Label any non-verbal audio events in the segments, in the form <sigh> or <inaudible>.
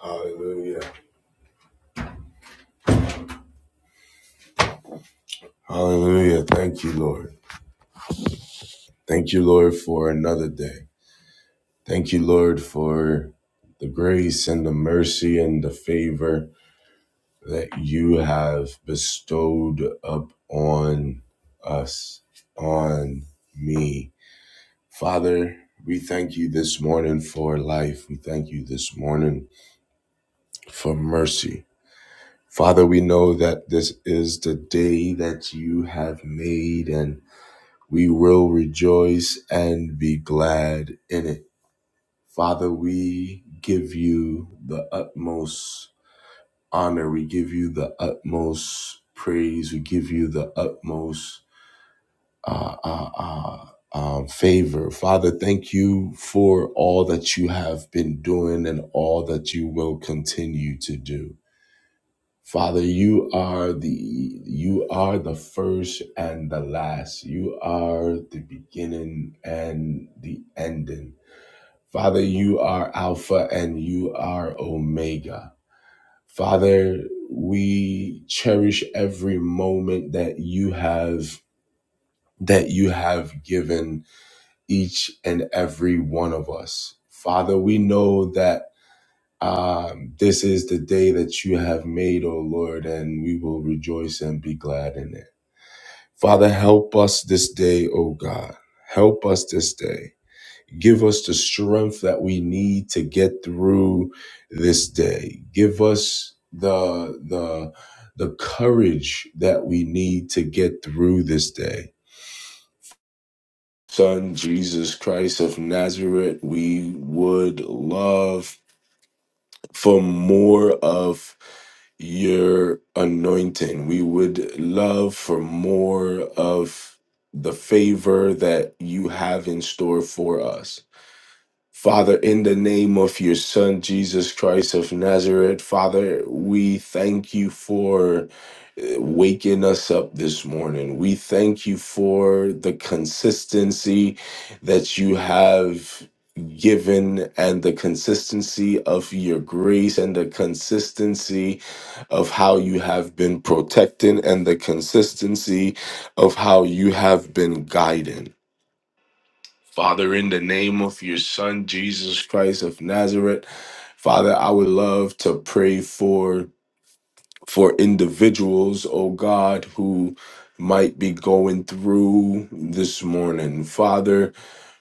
Hallelujah. Hallelujah. Thank you, Lord. Thank you, Lord, for another day. Thank you, Lord, for the grace and the mercy and the favor that you have bestowed upon us, on me. Father, we thank you this morning for life. We thank you this morning for mercy. Father, we know that this is the day that you have made and. We will rejoice and be glad in it. Father, we give you the utmost honor. We give you the utmost praise. We give you the utmost uh, uh, uh, um, favor. Father, thank you for all that you have been doing and all that you will continue to do. Father, you are the you are the first and the last. You are the beginning and the ending. Father, you are Alpha and you are Omega. Father, we cherish every moment that you have that you have given each and every one of us. Father, we know that um, this is the day that you have made, O Lord, and we will rejoice and be glad in it. Father, help us this day, O God. Help us this day. Give us the strength that we need to get through this day. Give us the the the courage that we need to get through this day. Son Jesus Christ of Nazareth, we would love for more of your anointing. We would love for more of the favor that you have in store for us. Father, in the name of your Son, Jesus Christ of Nazareth, Father, we thank you for uh, waking us up this morning. We thank you for the consistency that you have given and the consistency of your grace and the consistency of how you have been protecting and the consistency of how you have been guiding. Father, in the name of your Son, Jesus Christ of Nazareth, Father, I would love to pray for for individuals, oh God, who might be going through this morning. Father,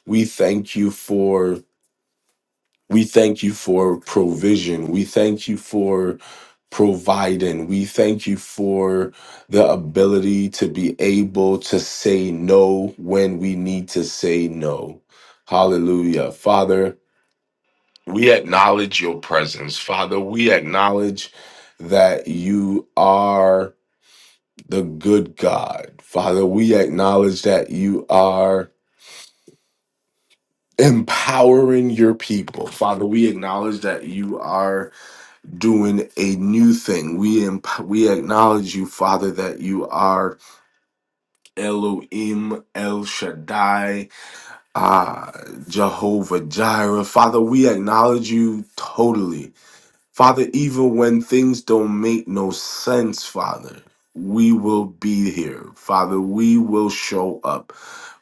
we thank you for we thank you for provision. We thank you for providing. We thank you for the ability to be able to say no when we need to say no. Hallelujah. Father, we acknowledge your presence. Father, we acknowledge that you are the good God. Father, we acknowledge that you are empowering your people. Father, we acknowledge that you are doing a new thing. We emp- we acknowledge you, Father, that you are Elohim, El Shaddai, ah, Jehovah Jireh. Father, we acknowledge you totally. Father, even when things don't make no sense, Father, we will be here. Father, we will show up.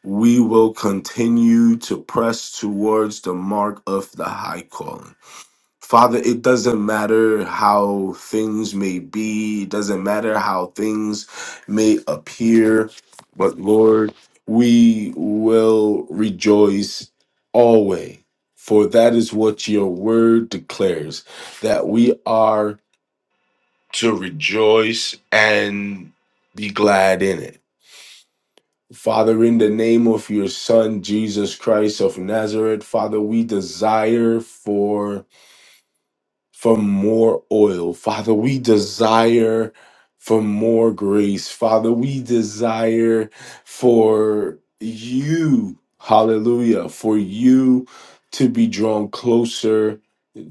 We will continue to press towards the mark of the high calling. Father, it doesn't matter how things may be, it doesn't matter how things may appear, but Lord, we will rejoice always, for that is what your word declares that we are to rejoice and be glad in it. Father, in the name of your Son, Jesus Christ of Nazareth, Father, we desire for for more oil. Father, we desire for more grace. Father, we desire for you, hallelujah, for you to be drawn closer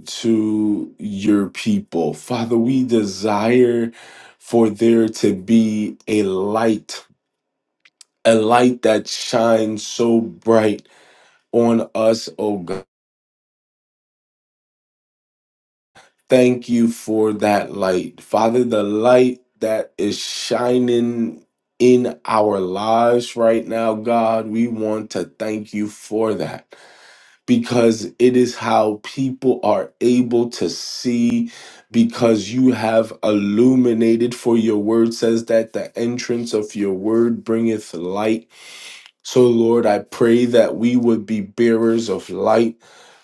to your people. Father, we desire for there to be a light, a light that shines so bright on us, oh God Thank you for that light. Father, the light that is shining in our lives right now, God, we want to thank you for that because it is how people are able to see because you have illuminated for your word says that the entrance of your word bringeth light so, Lord, I pray that we would be bearers of light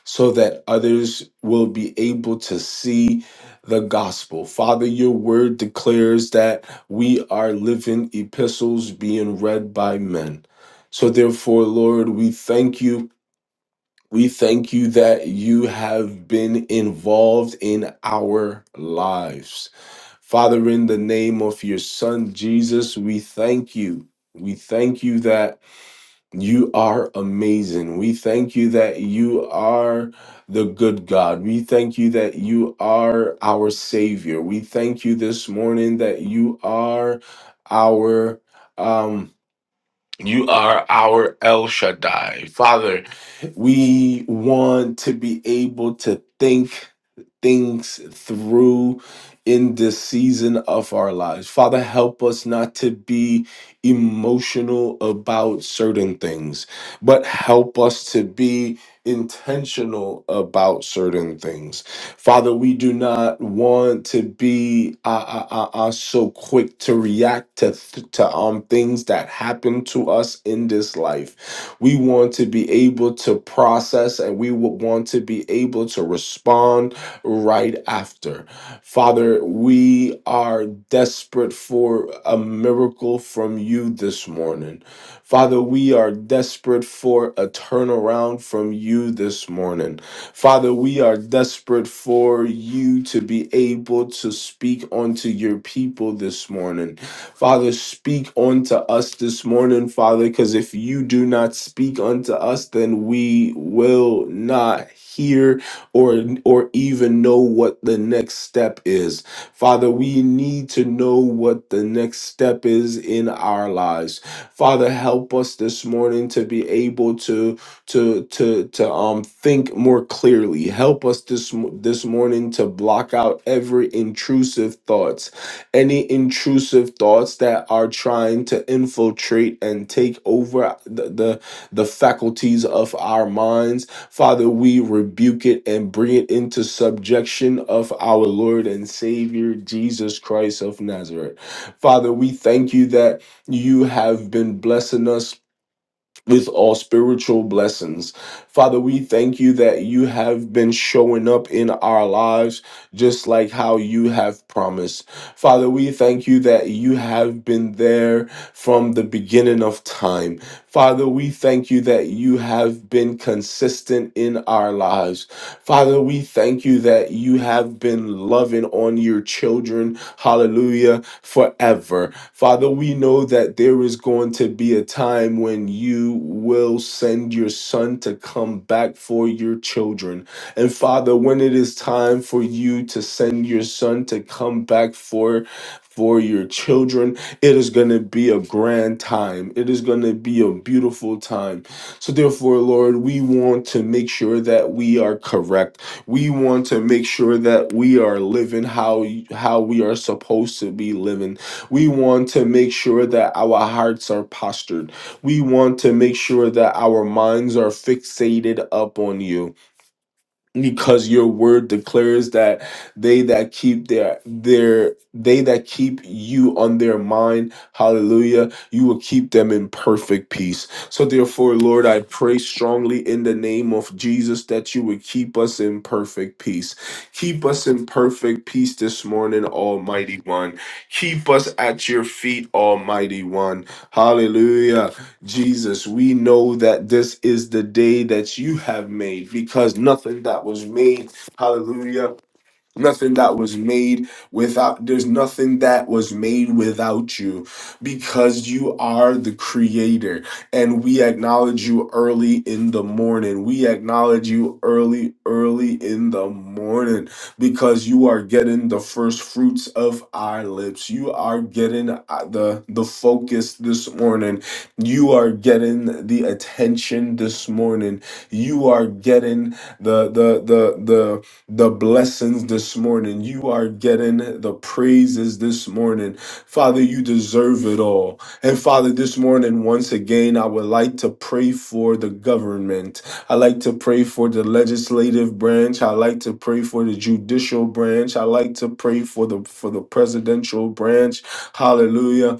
so that others will be able to see the gospel. Father, your word declares that we are living epistles being read by men. So, therefore, Lord, we thank you. We thank you that you have been involved in our lives. Father, in the name of your son, Jesus, we thank you. We thank you that. You are amazing. We thank you that you are the good God. We thank you that you are our Savior. We thank you this morning that you are our um you are our El Shaddai. Father, we want to be able to think things through in this season of our lives. Father, help us not to be emotional about certain things, but help us to be intentional about certain things. Father, we do not want to be uh, uh, uh, uh, so quick to react to, th- to um, things that happen to us in this life. We want to be able to process and we would want to be able to respond right after. Father, we are desperate for a miracle from you this morning. Father, we are desperate for a turnaround from you this morning. Father, we are desperate for you to be able to speak unto your people this morning. Father, speak unto us this morning, Father, because if you do not speak unto us, then we will not hear or or even know what the next step is. Father, we need to know what the next step is in our lives. Father, help us this morning to be able to to to to um think more clearly. Help us this mo- this morning to block out every intrusive thoughts, any intrusive thoughts that are trying to infiltrate and take over the the, the faculties of our minds Father, we rebuke it and bring it into subjection of our Lord and Savior, Jesus Christ of Nazareth. Father, we thank you that you have been blessing us. With all spiritual blessings. Father, we thank you that you have been showing up in our lives just like how you have promised. Father, we thank you that you have been there from the beginning of time. Father, we thank you that you have been consistent in our lives. Father, we thank you that you have been loving on your children, hallelujah, forever. Father, we know that there is going to be a time when you will send your son to come back for your children. And Father, when it is time for you to send your son to come back for for your children, it is going to be a grand time. It is going to be a beautiful time. So therefore, Lord, we want to make sure that we are correct. We want to make sure that we are living how how we are supposed to be living. We want to make sure that our hearts are postured. We want to make sure that our minds are fixated up on you because your word declares that they that keep their their they that keep you on their mind hallelujah you will keep them in perfect peace so therefore lord i pray strongly in the name of jesus that you would keep us in perfect peace keep us in perfect peace this morning almighty one keep us at your feet almighty one hallelujah Jesus, we know that this is the day that you have made because nothing that was made, hallelujah. Nothing that was made without, there's nothing that was made without you because you are the creator. And we acknowledge you early in the morning. We acknowledge you early, early in the morning because you are getting the first fruits of our lips. You are getting uh, the, the focus this morning. You are getting the attention this morning. You are getting the, the, the, the, the blessings this morning. You are getting the praises this morning. Father, you deserve it all. And Father, this morning, once again, I would like to pray for the government. I like to pray for the legislative branch. I like to pray for the judicial branch. I like to pray for the for the presidential branch. Hallelujah.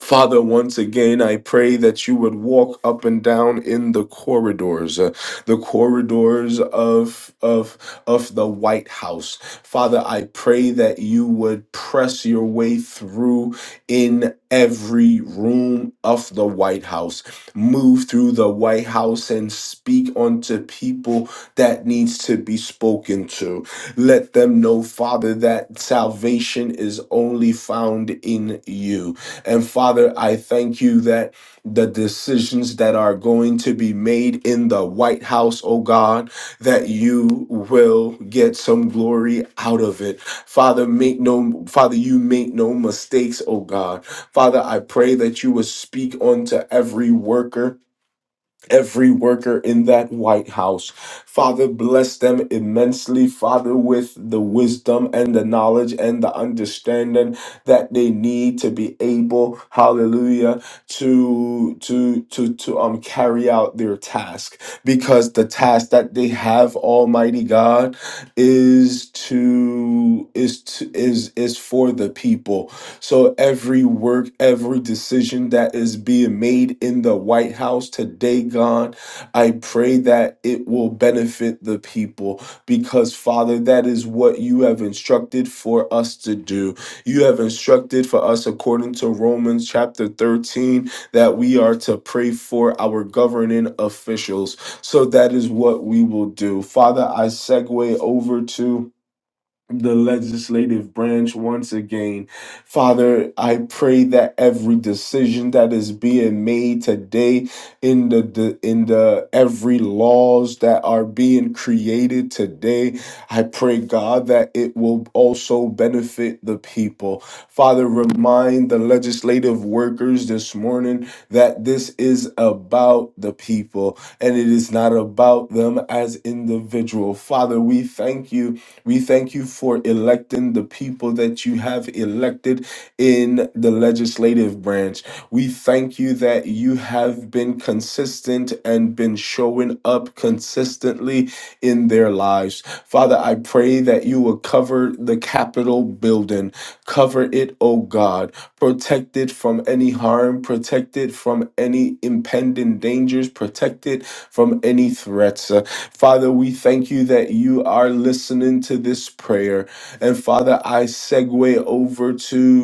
Father, once again, I pray that you would walk up and down in the corridors, uh, the corridors of, of, of the White House. Father, I pray that you would press your way through in every room of the White House. Move through the White House and speak unto people that needs to be spoken to. Let them know, Father, that salvation is only found in you and Father, I thank you that the decisions that are going to be made in the White House, oh God, that you will get some glory out of it. Father, make no Father, you make no mistakes, oh God. Father, I pray that you will speak unto every worker every worker in that White House. Father, bless them immensely, Father, with the wisdom and the knowledge and the understanding that they need to be able, hallelujah, to to to to um carry out their task. Because the task that they have, Almighty God, is to is to is is for the people. So every work, every decision that is being made in the White House today, God, I pray that it will benefit the people because, Father, that is what you have instructed for us to do. You have instructed for us, according to Romans chapter 13, that we are to pray for our governing officials. So that is what we will do. Father, I segue over to the legislative branch once again. Father, I pray that every decision that is being made today in the, the in the every laws that are being created today, I pray God that it will also benefit the people. Father, remind the legislative workers this morning that this is about the people and it is not about them as individual. Father, we thank you we thank you for electing the people that you have elected in the legislative branch. We thank you that you have been consistent and been showing up consistently in their lives. Father, I pray that you will cover the Capitol building. Cover it, oh God. Protect it from any harm, protect it from any impending dangers, protect it from any threats. Uh, Father, we thank you that you are listening to this prayer. And Father, I segue over to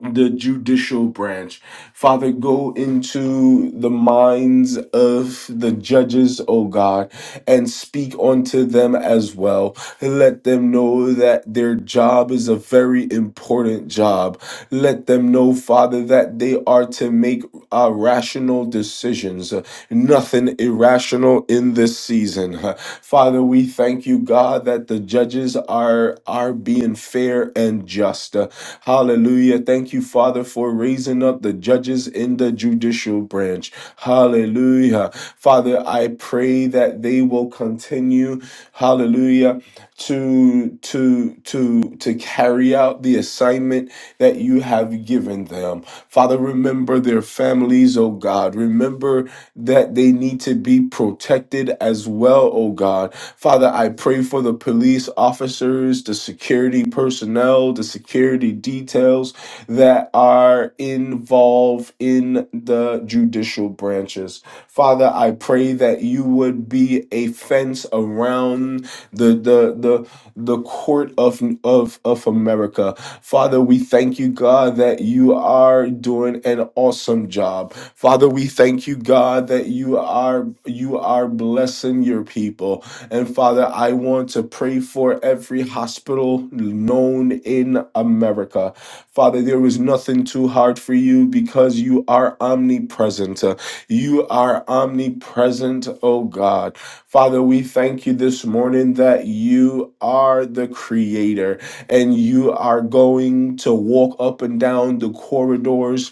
the judicial branch. Father, go into the minds of the judges, O God, and speak unto them as well. Let them know that their job is a very important job. Let them know, Father, that they are to make uh, rational decisions, uh, nothing irrational in this season. <laughs> Uh, Father, we thank you, God, that the judges are, are being fair and just. Uh, Hallelujah thank you, Father, for raising up the judges in the judicial branch. Hallelujah. Father, I pray that they will continue, hallelujah, to to to to carry out the assignment that you have given them. Father, remember their families, oh God. Remember that they need to be protected as well, oh God. Father, I pray for the police officers, the security personnel, the security details, that are involved in the judicial branches. Father, I pray that you would be a fence around the the the the court of of of America. Father, we thank you, God, that you are doing an awesome job. Father, we thank you, God, that you are you are blessing your people. And Father, I want to pray for every hospital known in America. Father, there is nothing too hard for you because you are omnipresent. Uh, You are omnipresent, oh God. Father, we thank you this morning that you are the creator and you are going to walk up and down the corridors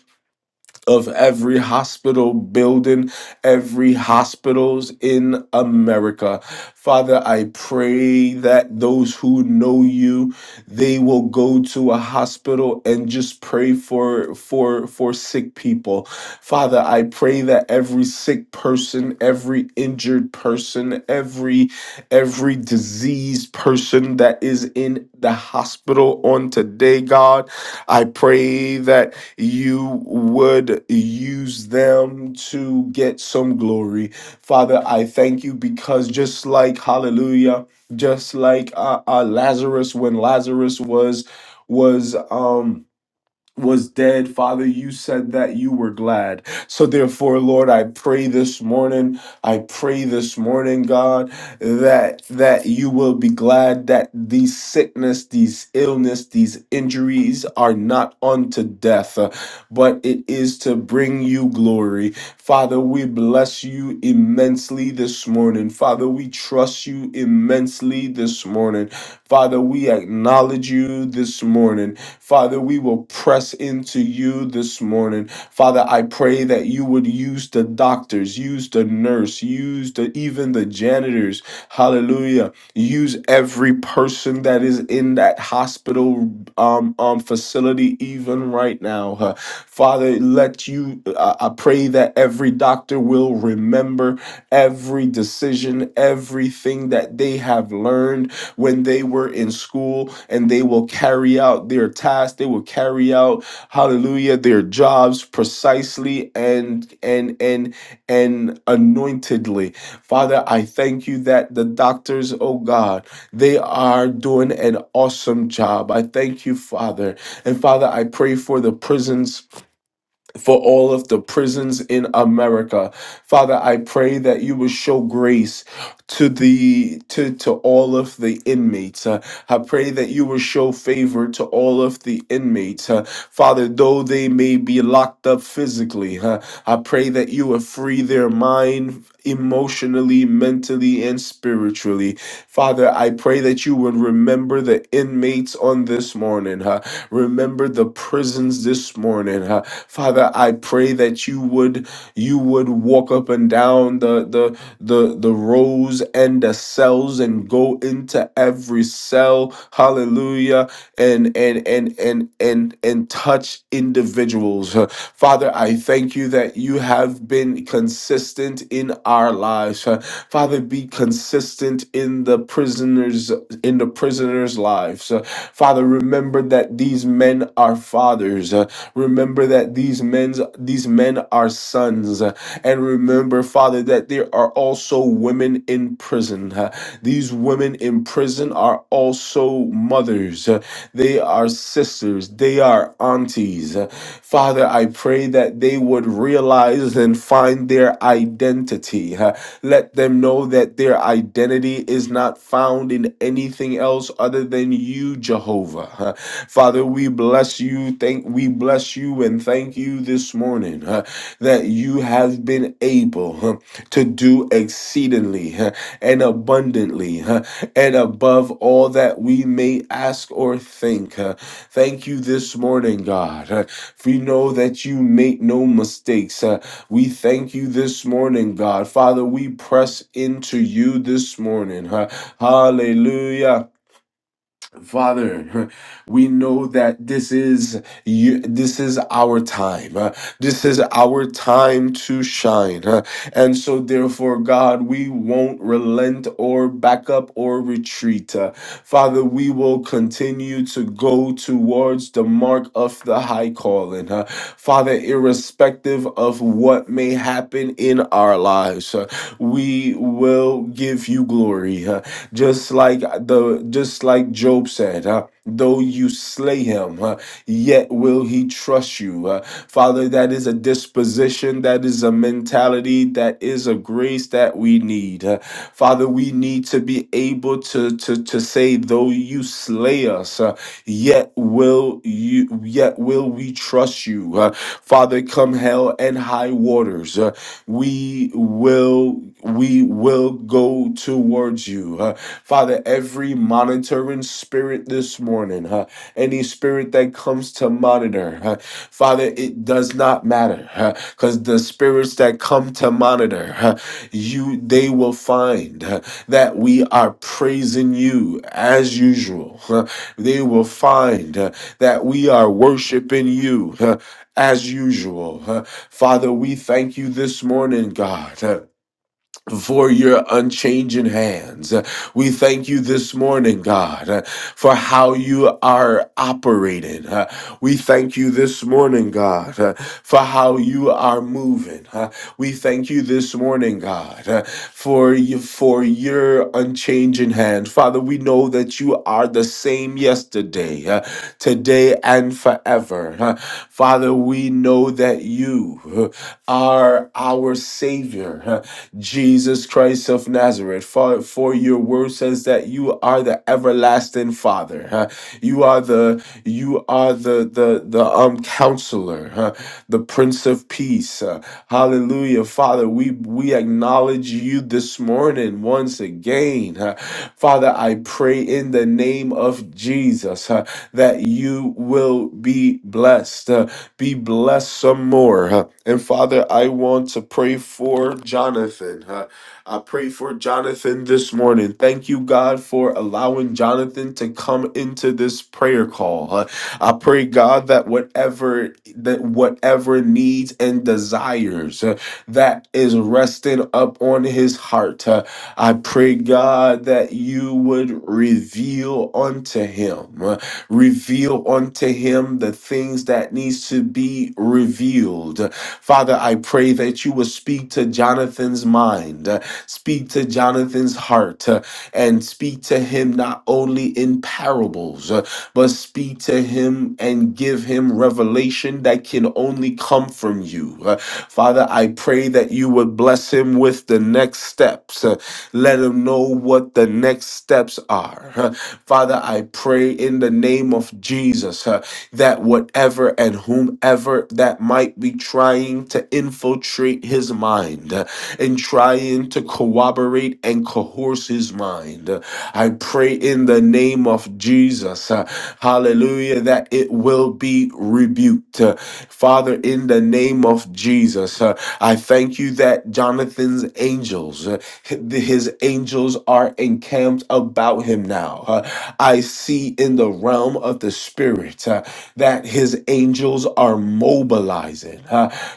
of every hospital building, every hospitals in America. Father, I pray that those who know you, they will go to a hospital and just pray for for for sick people. Father, I pray that every sick person, every injured person, every every diseased person that is in the hospital on today, God, I pray that you would use them to get some glory. Father, I thank you because just like, hallelujah, just like uh, uh, Lazarus, when Lazarus was, was, um, was dead. Father, you said that you were glad. So, therefore, Lord, I pray this morning, I pray this morning, God, that that you will be glad that these sickness, these illness, these injuries are not unto death, uh, but it is to bring you glory. Father, we bless you immensely this morning. Father, we trust you immensely this morning. Father, we acknowledge you this morning. Father, we will press into you this morning. Father, I pray that you would use the doctors, use the nurse, use the even the janitors. Hallelujah. Use every person that is in that hospital um, um facility even right now. Uh, Father, let you I I pray that every doctor will remember every decision, everything that they have learned when they were in school and they will carry out their tasks they will carry out hallelujah their jobs precisely and and and and anointedly father i thank you that the doctors oh god they are doing an awesome job i thank you father and father i pray for the prisons for all of the prisons in America. Father, I pray that you will show grace to the to, to all of the inmates. Uh, I pray that you will show favor to all of the inmates. Uh, Father, though they may be locked up physically, uh, I pray that you will free their mind emotionally, mentally, and spiritually. Father, I pray that you would remember the inmates on this morning. Uh, Remember the prisons this morning. huh? Father, I pray that you would you would walk up and down the the the the rows and the cells and go into every cell. Hallelujah. And and and and and and touch individuals. huh? Father, I thank you that you have been consistent in our lives. huh? Father, be consistent in the prisoners' in the prisoners' lives. Uh, Father, remember that these men are fathers. Uh, Remember that these men's these men are sons. Uh, And remember, Father, that there are also women in prison. Uh, These women in prison are also mothers. Uh, They are sisters. They are aunties ways. Father, I pray that they would realize and find their identity. Uh, Let them know that their identity is not found in anything else other than you, Jehovah. Uh, Father, we bless you. Thank we bless you and thank you this morning uh, that you have been able to do exceedingly huh, and abundantly huh, and above all that we may ask or think. huh. Thank you this morning, God. huh, For you know that you make no mistakes. huh. We thank you this morning, God. Father, we press into you this morning. huh. Hallelujah. Father, <laughs> we know that this is you, this is our time. uh, This is our time to shine. uh, And so therefore God, we won't relent or back up or retreat. uh, Father, we will continue to go towards the mark of the high calling. uh, Father, irrespective of what may happen in our lives, uh, we will give you glory. Uh, just like the just like Job said, uh, though you slay him, uh, yet will he trust you. Uh, Father, that is a disposition, that is a mentality, that is a grace that we need. Uh, Father, we need to be able to to to say, though you slay us, uh, yet will you, yet will we trust you. Uh, Father, come hell and high waters. uh, we will we will go towards you uh, father every monitoring spirit this morning uh, any spirit that comes to monitor uh, father it does not matter because the spirits that come to monitor uh, you they will find uh, that we are praising you as usual uh, they will find uh, that we are worshiping you uh, as usual. huh? Father, we thank you this morning, God for your unchanging hands. We thank you this morning, God, uh, for how you are operating. Uh, We thank you this morning, God, uh, for how you are moving. Uh, We thank you this morning, God, uh, for you, for your unchanging hand. Father, we know that you are the same yesterday, uh, today and forever. Uh, Father, we know that you uh, are our savior. Uh, Jesus Christ of Nazareth. For, for your word says that you are the everlasting Father. huh? You are the you are the the the um counselor, huh? the Prince of Peace. huh? Hallelujah, Father. We we acknowledge you this morning once again, huh? Father. I pray in the name of Jesus huh, that you will be blessed. uh, be blessed some more. huh? And Father, I want to pray for Jonathan. huh? I pray for Jonathan this morning. Thank you, God, for allowing Jonathan to come into this prayer call. huh? I pray, God, that whatever that whatever needs and desires uh, that is resting up on his heart. uh, I pray, God, that you would reveal unto him, uh, reveal unto him the things that needs to be revealed. Father, I pray that you would speak to Jonathan's mind, uh, speak to Jonathan's heart, uh, and speak to him not only in parables, uh, but speak to him and give him revelation that can only come from you. Uh, Father, I pray that you would bless him with the next steps. Uh, let him know what the next steps are. Uh, Father, I pray in the name of Jesus uh, that whatever and whomever that might be trying to infiltrate his mind uh, and trying to corroborate and coerce his mind. Uh, I pray in the name of Jesus, uh, hallelujah, that it will be rebuked. Uh, Father, in the name of Jesus, uh, I thank you that Jonathan's angels, uh, his angels are are encamped about him now. Uh, I see in the realm of the spirit uh, that his angels are mobilizing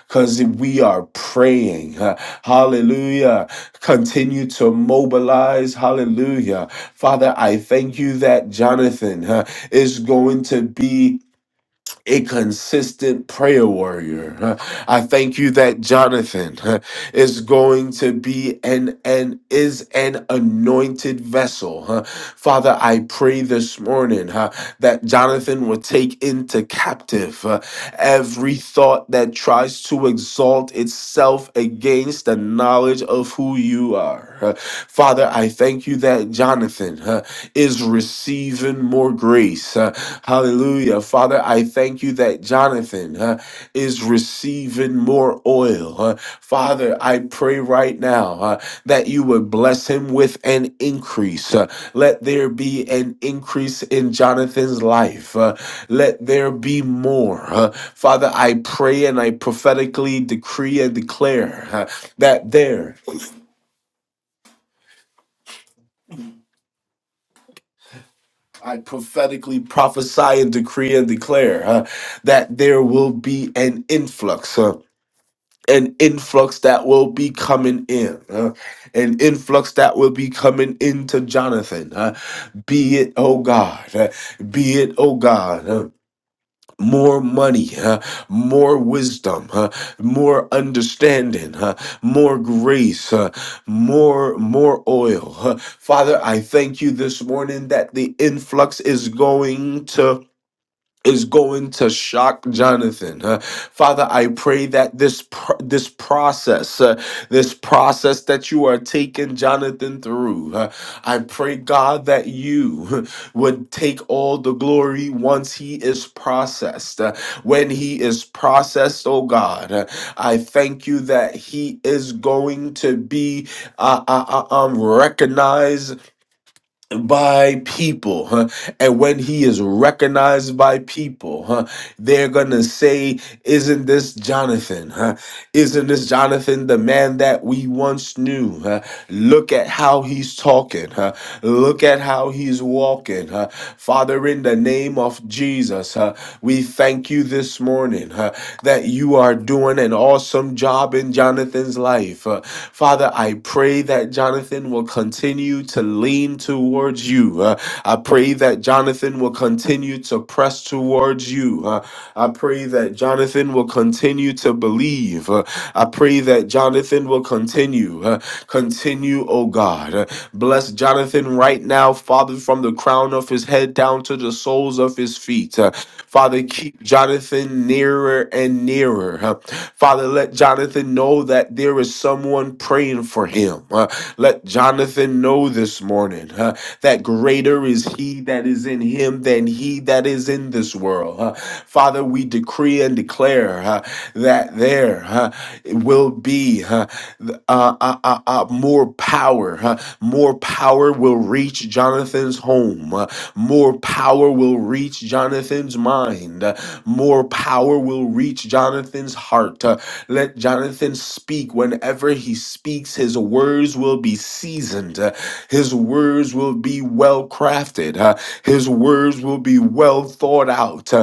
because we are praying. uh, hallelujah. Continue to mobilize. Hallelujah. Father, I thank you that Jonathan uh, is going to be a consistent prayer warrior. Uh, I thank you that Jonathan uh, is going to be an and is an anointed vessel. Uh, Father, I pray this morning uh, that Jonathan will take into captive uh, every thought that tries to exalt itself against the knowledge of who you are. Uh, Father, I thank you that Jonathan uh, is receiving more grace. Uh, Hallelujah. Father, I thank you that Jonathan uh, is receiving more oil. Uh, Father, I pray right now uh, that you would bless him with an increase. Uh, let there be an increase in Jonathan's life. Uh, let there be more. Uh, Father, I pray and I prophetically decree and declare uh, that there. I prophetically prophesy and decree and declare uh, that there will be an influx. uh, an influx that will be coming in, uh, an influx that will be coming into Jonathan. uh, be it, oh God, uh, be it, oh God. uh, more money, uh, more wisdom, uh, more understanding, uh, more grace, uh, more more oil. Uh, Father, I thank you this morning that the influx is going to is going to shock Jonathan. Uh, Father, I pray that this pr- this process, uh, this process that you are taking Jonathan through, uh, I pray God that you <laughs> would take all the glory once he is processed. Uh, when he is processed, oh God, uh, I thank you that he is going to be uh, uh, uh, um, recognized by people huh? and when he is recognized by people huh, they're gonna say isn't this jonathan huh? isn't this jonathan the man that we once knew huh?" Look at how he's talking. huh? Look at how he's walking. huh? Father, in the name of Jesus, huh, we thank you this morning huh, that you are doing an awesome job in Jonathan's life. huh? Father, I pray that Jonathan will continue to lean towards you. huh? I pray that Jonathan will continue to press towards you. huh? I pray that Jonathan will continue to believe. huh? I pray that Jonathan will will continue. uh, Continue, oh God. Uh, Bless Jonathan right now, Father, from the crown of his head down to the soles of his feet. Uh, Father, keep Jonathan nearer and nearer. Uh, Father, let Jonathan know that there is someone praying for him. Uh, Let Jonathan know this morning uh, that greater is he that is in him than he that is in this world. Uh, Father, we decree and declare uh, that there uh, will be. huh, th- uh, uh, uh, uh, more power. huh? more power will reach Jonathan's home. uh, more power will reach Jonathan's mind. uh, more power will reach Jonathan's heart. uh, let Jonathan speak. Whenever he speaks, his words will be seasoned. uh, his words will be well crafted. uh, his words will be well thought out.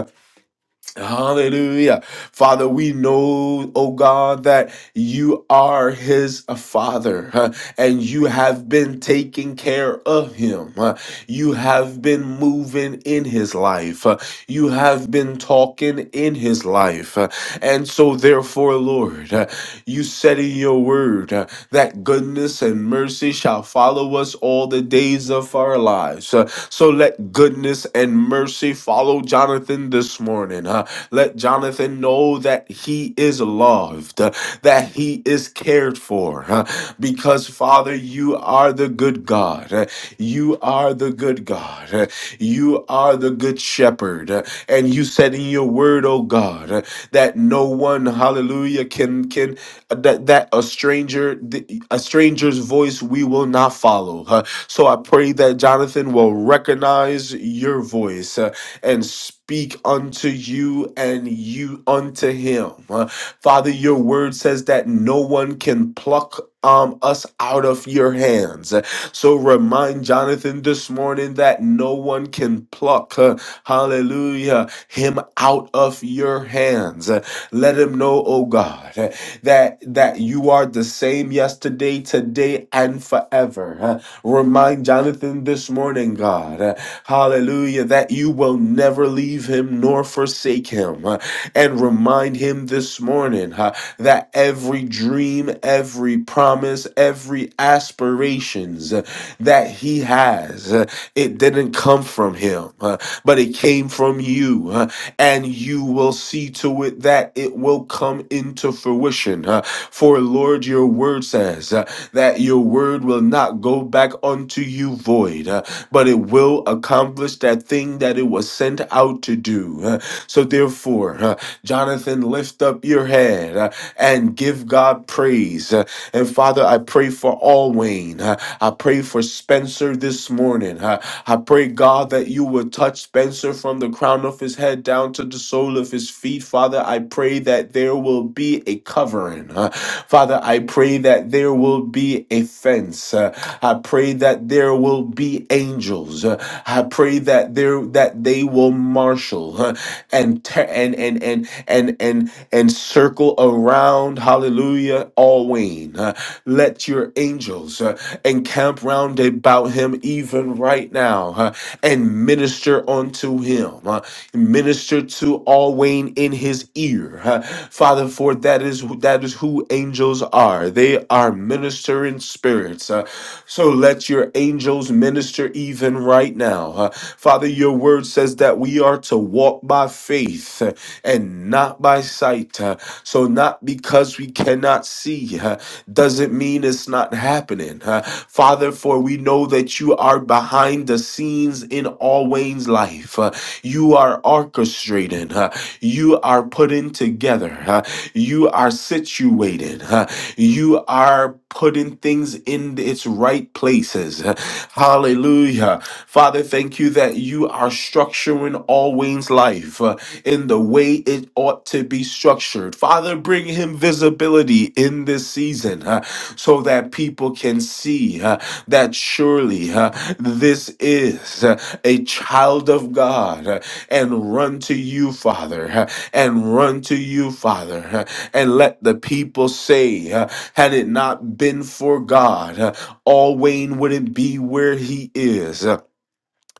Hallelujah. Father, we know, oh God, that you are his uh, father huh, and you have been taking care of him. huh. You have been moving in his life. huh. You have been talking in his life. huh. And so, therefore, Lord, huh, you said in your word huh, that goodness and mercy shall follow us all the days of our lives. huh. So let goodness and mercy follow Jonathan this morning. huh? Let Jonathan know that he is loved, uh, that he is cared for, huh? because Father, you are the good God. uh, You are the good God. uh, You you are the good shepherd. uh, And you said in your word, oh God, uh, that no one, hallelujah, can can uh, that that a stranger th- a stranger's voice we will not follow. uh, So I pray that Jonathan will recognize your voice uh, and speak unto you and you unto him. Uh, Father, your word says that no one can pluck um, us out of your hands. So remind Jonathan this morning that no one can pluck, uh, hallelujah, him out of your hands. Uh, Let him know, oh God, uh, that that you are the same yesterday, today, and forever. Uh, Remind Jonathan this morning, God, uh, hallelujah, that you will never leave him nor forsake him. Uh, and remind him this morning huh, that every dream, every promise, every aspirations uh, that he has, uh, it didn't come from him, uh, but it came from you. uh, and you will see to it that it will come into fruition. uh, for Lord, your word says uh, that your word will not go back unto you void, uh, but it will accomplish that thing that it was sent out to do. uh, so therefore, uh, Jonathan, lift up your head uh, and give God praise. Uh, And Father, I pray for all Wayne. Uh, I pray for Spencer this morning. Uh, I pray, God, that you would touch Spencer from the crown of his head down to the sole of his feet. Father, I pray that there will be a covering. Uh, Father, I pray that there will be a fence. Uh, I pray that there will be angels. Uh, I pray that there that they will marshal. huh, and ter- and and and and and and circle around hallelujah always uh, let your angels uh, encamp round about him even right now uh, and minister unto him uh, minister to always in his ear uh, father for that is who- that is who angels are they are ministering spirits uh, so let your angels minister even right now. Uh, Father, your word says that we are to walk by faith uh, and not by sight. Uh, So, not because we cannot see uh, doesn't mean it's not happening. Uh, Father, for we know that you are behind the scenes in all Wayne's life. Uh, You are orchestrating. uh, you are putting together. huh? You are situated. huh? You are putting things in its right places. huh? Hallelujah. Father, thank you that you are structuring all Wayne's life uh, in the way it ought to be structured. Father, bring him visibility in this season uh, so that people can see uh, that surely uh, this is uh, a child of God. Uh, and run to you, Father, uh, and run to you, Father, uh, and let the people say, uh, had it not been for God, uh, all Wayne wouldn't be where he is. Uh,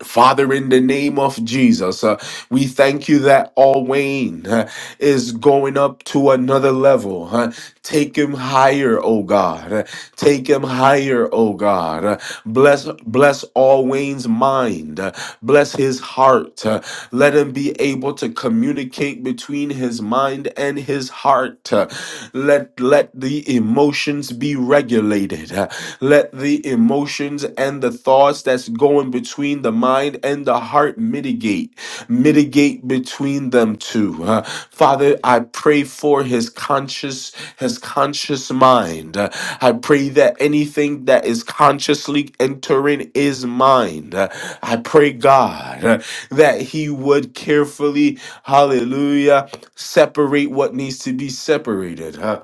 Father, in the name of Jesus, uh, we thank you that all Wayne uh, is going up to another level. huh, Take him higher, O God. Take him higher, O God. Bless bless all Wayne's mind. Bless his heart. Let him be able to communicate between his mind and his heart. Let let the emotions be regulated. Let the emotions and the thoughts that's going between the mind mind and the heart mitigate, mitigate between them two. Uh, Father, I pray for his conscious, his conscious mind. Uh, I pray that anything that is consciously entering his mind, uh, I pray, God, uh, that he would carefully, hallelujah, separate what needs to be separated. huh?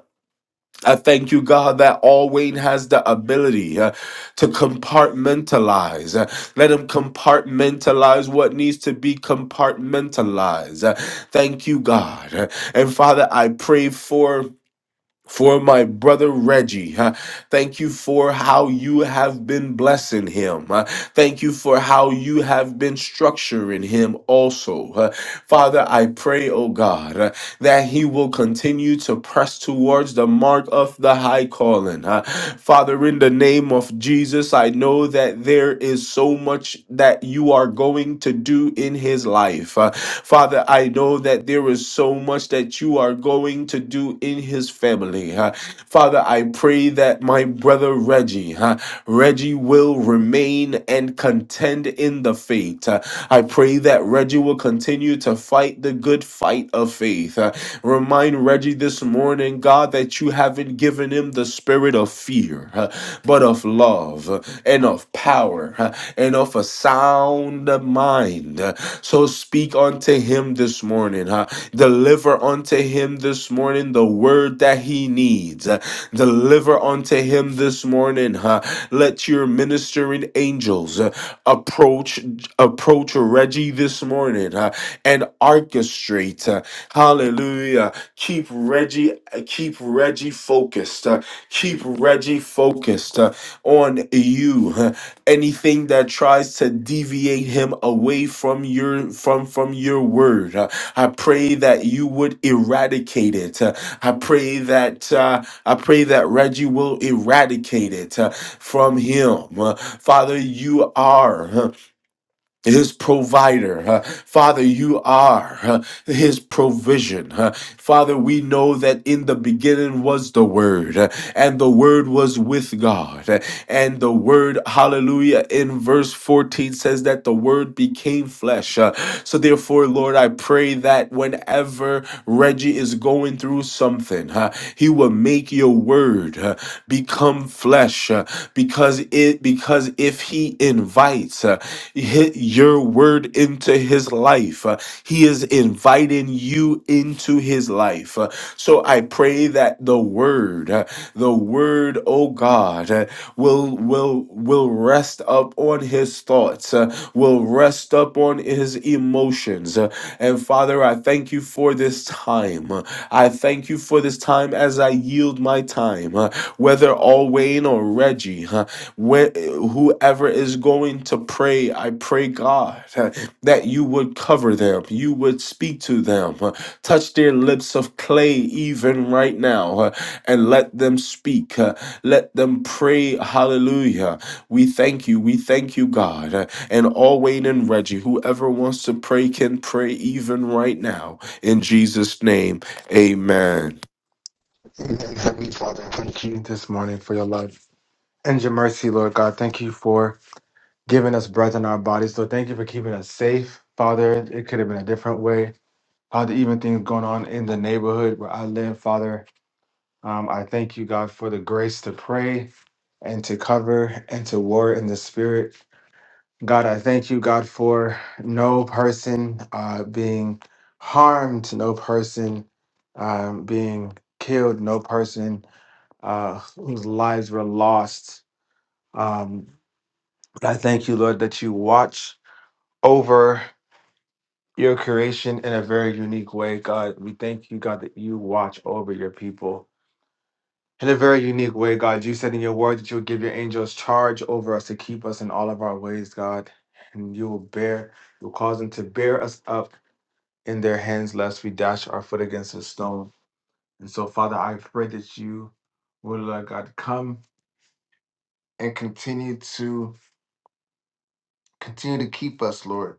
I thank you, God, that Alwayne has the ability uh, to compartmentalize. Uh, let him compartmentalize what needs to be compartmentalized. Uh, thank you, God. Uh, And Father, I pray for for my brother Reggie. huh? Thank you for how you have been blessing him. huh? Thank you for how you have been structuring him also. huh? Father, I pray, oh God, uh, that he will continue to press towards the mark of the high calling. huh? Father, in the name of Jesus, I know that there is so much that you are going to do in his life. uh, Father, I know that there is so much that that you are going to do in his family. huh? Father, I pray that my brother Reggie, huh, Reggie will remain and contend in the faith. huh? I pray that Reggie will continue to fight the good fight of faith. huh? Remind Reggie this morning, God, that you haven't given him the spirit of fear, huh, but of love huh, and of power huh, and of a sound mind mind. So speak unto him this morning. huh? Deliver unto him this morning the word that he needs. Uh, Deliver unto him this morning. huh? Let your ministering angels uh, approach approach Reggie this morning huh? and orchestrate. uh, Hallelujah. Keep Reggie keep Reggie focused. uh, Keep Reggie focused uh, on you. huh? anything that tries to deviate him away from your from from your word uh, i pray that you would eradicate it Uh, i pray that uh, i pray that reggie will eradicate it uh, from him Uh, father you are huh, his provider. huh? Father, you are huh, his provision. huh? Father, we know that in the beginning was the Word, huh, and the Word was with God. huh, And the Word, hallelujah, in verse 14 says that the Word became flesh. huh. So, therefore, Lord, I pray that whenever Reggie is going through something, huh, he will make your Word word uh, become flesh uh, because it because if he invites uh, hi- your word into his life uh, he is inviting you into his life Uh, so i pray that the word uh, the word oh god uh, will will will rest up on his thoughts thoughts, uh, will rest up on his emotions. Uh, and Father, I thank you for this time. Uh, I thank you for this time as I yield my time, uh, whether all Wayne or Reggie, uh, wh- whoever is going to pray, I pray, God, uh, that you would cover them, you would speak to them, uh, touch their lips of clay even right now, uh, and let them speak. uh, let them pray, hallelujah. We thank you. We thank you, God. Uh, And Alwayne and Reggie, whoever wants to pray can pray even right now. In Jesus' name, amen. Amen. Heavenly Father, thank you this morning for your love and your mercy, Lord God. Thank you for giving us breath in our bodies, Lord. Thank you for keeping us safe, Father. It could have been a different way. Father, even things going on in the neighborhood where I live, Father, um, I thank you, God, for the grace to pray and to cover and to war in the spirit. God, I thank you, God, for no person uh, being harmed, no person um, being killed, no person uh, whose lives were lost. Um, but I thank you, Lord, that you watch over your creation in a very unique way, God. We thank you, God, that you watch over your people in a very unique way, God. You said in your word that you will give your angels charge over us to keep us in all of our ways, God. And you will bear, you'll cause them to bear us up in their hands, lest we dash our foot against a stone. And so, Father, I pray that you will, Lord God, come and continue to Continue to keep us, Lord.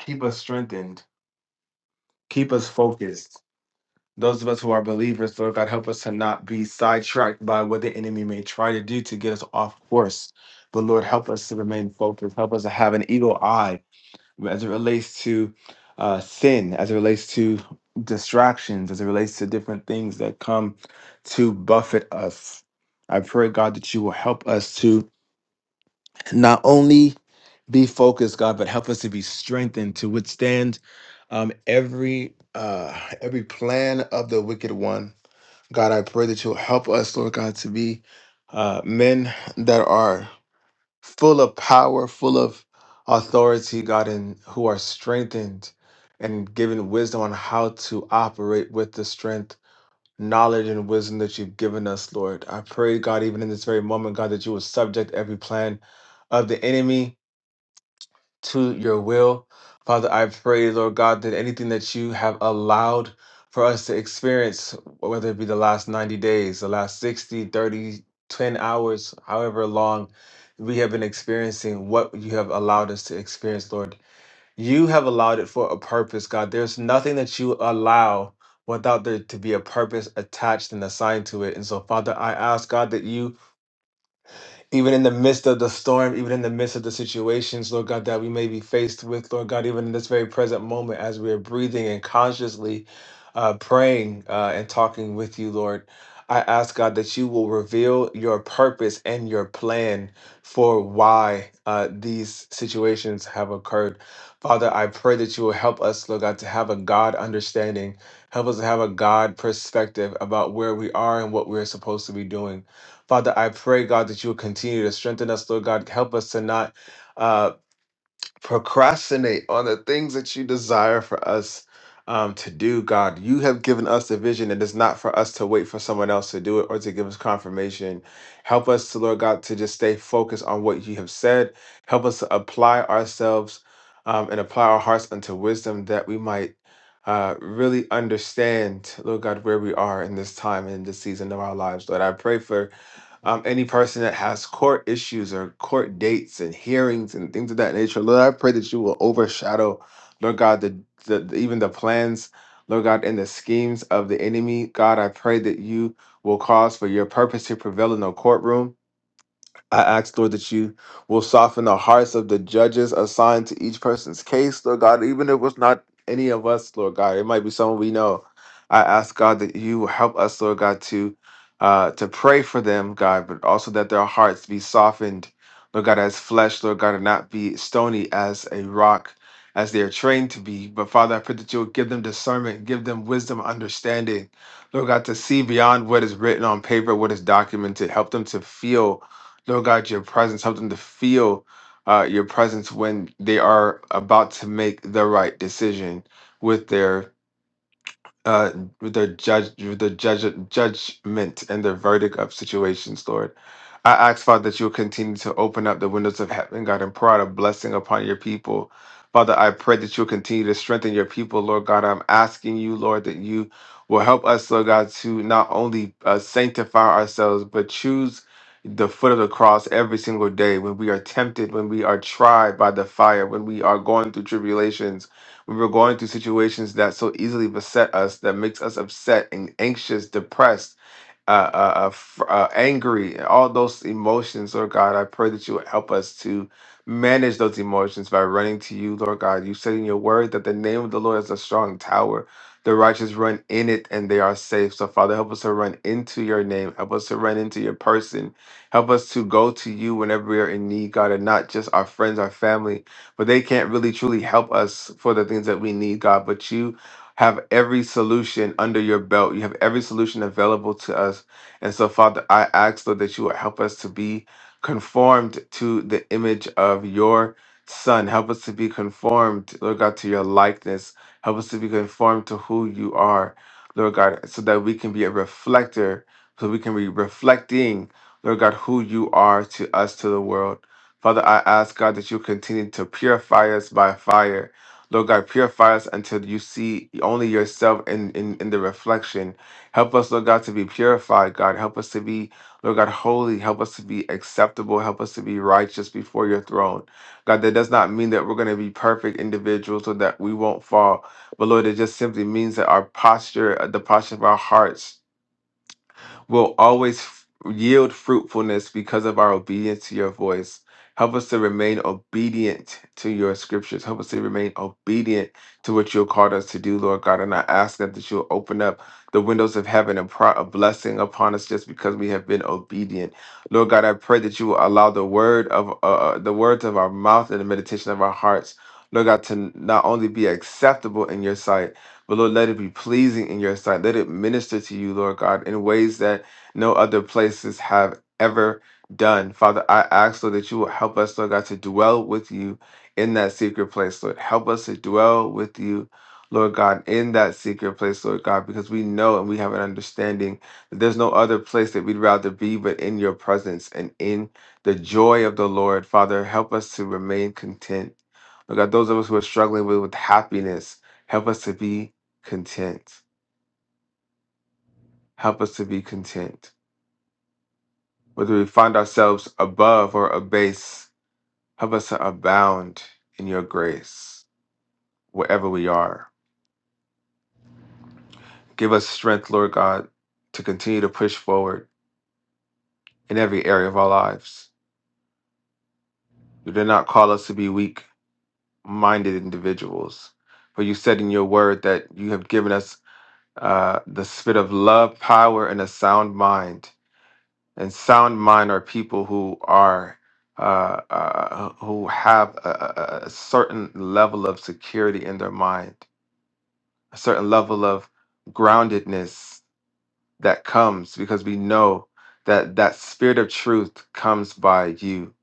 Keep us strengthened. Keep us focused. Those of us who are believers, Lord God, help us to not be sidetracked by what the enemy may try to do to get us off course. But Lord, help us to remain focused. Help us to have an eagle eye as it relates to uh, sin, as it relates to distractions, as it relates to different things that come to buffet us. I pray, God, that you will help us to not only be focused, God, but help us to be strengthened to withstand um, every uh, every plan of the wicked one. God, I pray that you'll help us, Lord God, to be uh, men that are full of power, full of authority, God, and who are strengthened and given wisdom on how to operate with the strength, knowledge, and wisdom that you've given us, Lord. I pray, God, even in this very moment, God, that you will subject every plan of the enemy to your will. Father, I pray, Lord God, that anything that you have allowed for us to experience, whether it be the last 90 days, the last 60, 30, 10 hours, however long we have been experiencing what you have allowed us to experience, Lord. You have allowed it for a purpose, God. There's nothing that you allow without there to be a purpose attached and assigned to it. And so, Father, I ask, God, that you even in the midst of the storm, even in the midst of the situations, Lord God, that we may be faced with, Lord God, even in this very present moment as we are breathing and consciously uh, praying uh, and talking with you, Lord. I ask God that you will reveal your purpose and your plan for why uh, these situations have occurred. Father, I pray that you will help us, Lord God, to have a God understanding. Help us to have a God perspective about where we are and what we're supposed to be doing. Father, I pray, God, that you will continue to strengthen us, Lord God. Help us to not uh, procrastinate on the things that you desire for us um, to do, God. You have given us the vision. It is not for us to wait for someone else to do it or to give us confirmation. Help us to, Lord God, to just stay focused on what you have said. Help us to apply ourselves um, and apply our hearts unto wisdom that we might. Uh, really understand, Lord God, where we are in this time and in this season of our lives, Lord. I pray for um, any person that has court issues or court dates and hearings and things of that nature. Lord, I pray that you will overshadow, Lord God, the, the the- even the plans, Lord God, and the schemes of the enemy. God, I pray that you will cause for your purpose to prevail in the courtroom. I ask, Lord, that you will soften the hearts of the judges assigned to each person's case, Lord God, even if it was not any of us, Lord God. It might be someone we know. I ask, God, that you will help us, Lord God, to uh, to pray for them, God, but also that their hearts be softened, Lord God, as flesh, Lord God, and not be stony as a rock, as they are trained to be. But Father, I pray that you will give them discernment, give them wisdom, understanding, Lord God, to see beyond what is written on paper, what is documented, help them to feel. Lord God, your presence, help them to feel uh, your presence when they are about to make the right decision with their uh the judge the judge judgment and the verdict of situations lord i ask father that you'll continue to open up the windows of heaven god and pour out a blessing upon your people father i pray that you'll continue to strengthen your people lord god i'm asking you lord that you will help us lord god to not only uh, sanctify ourselves but choose the foot of the cross every single day when we are tempted when we are tried by the fire when we are going through tribulations when we're going through situations that so easily beset us, that makes us upset and anxious, depressed, uh, uh, uh, fr- uh, angry, all those emotions, Lord God. I pray that you would help us to manage those emotions by running to you, Lord God. You said in your word that the name of the Lord is a strong tower. The righteous run in it and they are safe. So, Father, help us to run into your name. Help us to run into your person. Help us to go to you whenever we are in need, God, and not just our friends, our family, but they can't really truly help us for the things that we need, God, but you have every solution under your belt. You have every solution available to us. And so, Father, I ask, Lord, that you would help us to be conformed to the image of your Son. Help us to be conformed, Lord God, to your likeness. Help us to be conformed to who you are, Lord God, so that we can be a reflector, so we can be reflecting, Lord God, who you are to us, to the world. Father, I ask, God, that you continue to purify us by fire. Lord God, purify us until you see only yourself in, in, in the reflection. Help us, Lord God, to be purified, God. Help us to be, Lord God, holy. Help us to be acceptable. Help us to be righteous before your throne. God, that does not mean that we're going to be perfect individuals or that we won't fall. But Lord, it just simply means that our posture, uh, the posture of our hearts, will always f- yield fruitfulness because of our obedience to your voice. Help us to remain obedient to your scriptures. Help us to remain obedient to what you have called us to do, Lord God. And I ask that, that you'll open up the windows of heaven and pour out a blessing upon us just because we have been obedient. Lord God, I pray that you will allow the word of uh, uh, the words of our mouth and the meditation of our hearts, Lord God, to not only be acceptable in your sight but Lord, let it be pleasing in your sight. Let it minister to you, Lord God, in ways that no other places have ever done. Father, I ask, Lord, that you will help us, Lord God, to dwell with you in that secret place, Lord. Help us to dwell with you. Lord God, in that secret place, Lord God, because we know and we have an understanding that there's no other place that we'd rather be but in your presence and in the joy of the Lord. Father, help us to remain content. Lord God, those of us who are struggling with, with happiness, help us to be content. Help us to be content. Whether we find ourselves above or abase, help us to abound in your grace wherever we are. Give us strength, Lord God, to continue to push forward in every area of our lives. You did not call us to be weak minded individuals, for you said in your word that you have given us uh, the spirit of love, power, and a sound mind. and sound mind are people who are uh, uh, who have a, a a- a certain level of security in their mind, a certain level of groundedness that comes because we know that that spirit of truth comes by you.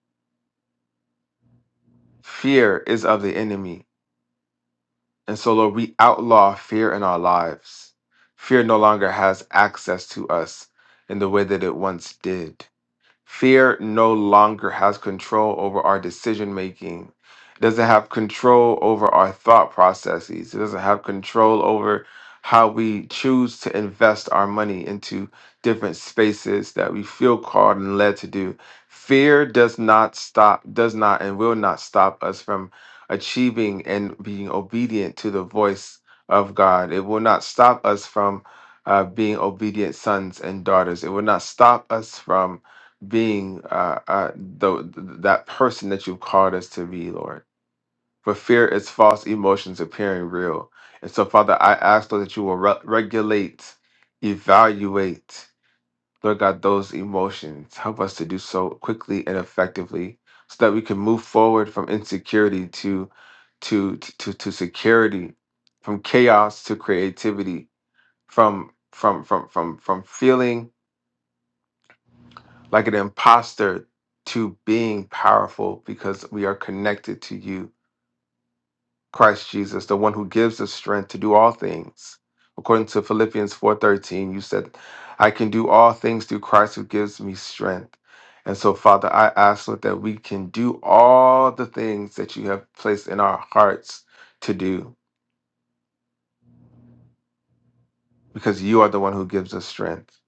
Fear is of the enemy, and so Lord, we outlaw fear in our lives. Fear no longer has access to us in the way that it once did. Fear no longer has control over our decision making. It doesn't have control over our thought processes. It doesn't have control over how we choose to invest our money into different spaces that we feel called and led to do. Fear does not stop, does not, and will not stop us from achieving and being obedient to the voice of God. It will not stop us from uh, being obedient sons and daughters. It will not stop us from being uh, uh, the, th- that person that you've called us to be, Lord. For fear is false emotions appearing real. And so, Father, I ask, Lord, that you will re- regulate, evaluate, Lord God, those emotions. Help us to do so quickly and effectively so that we can move forward from insecurity to, to, to, to to security, from chaos to creativity, from, from, from, from, from feeling like an imposter to being powerful because we are connected to you, Christ Jesus, the one who gives us strength to do all things. According to Philippians 4:13, you said, "I can do all things through Christ who gives me strength." And so, Father, I ask Lord, that we can do all the things that you have placed in our hearts to do, because you are the one who gives us strength.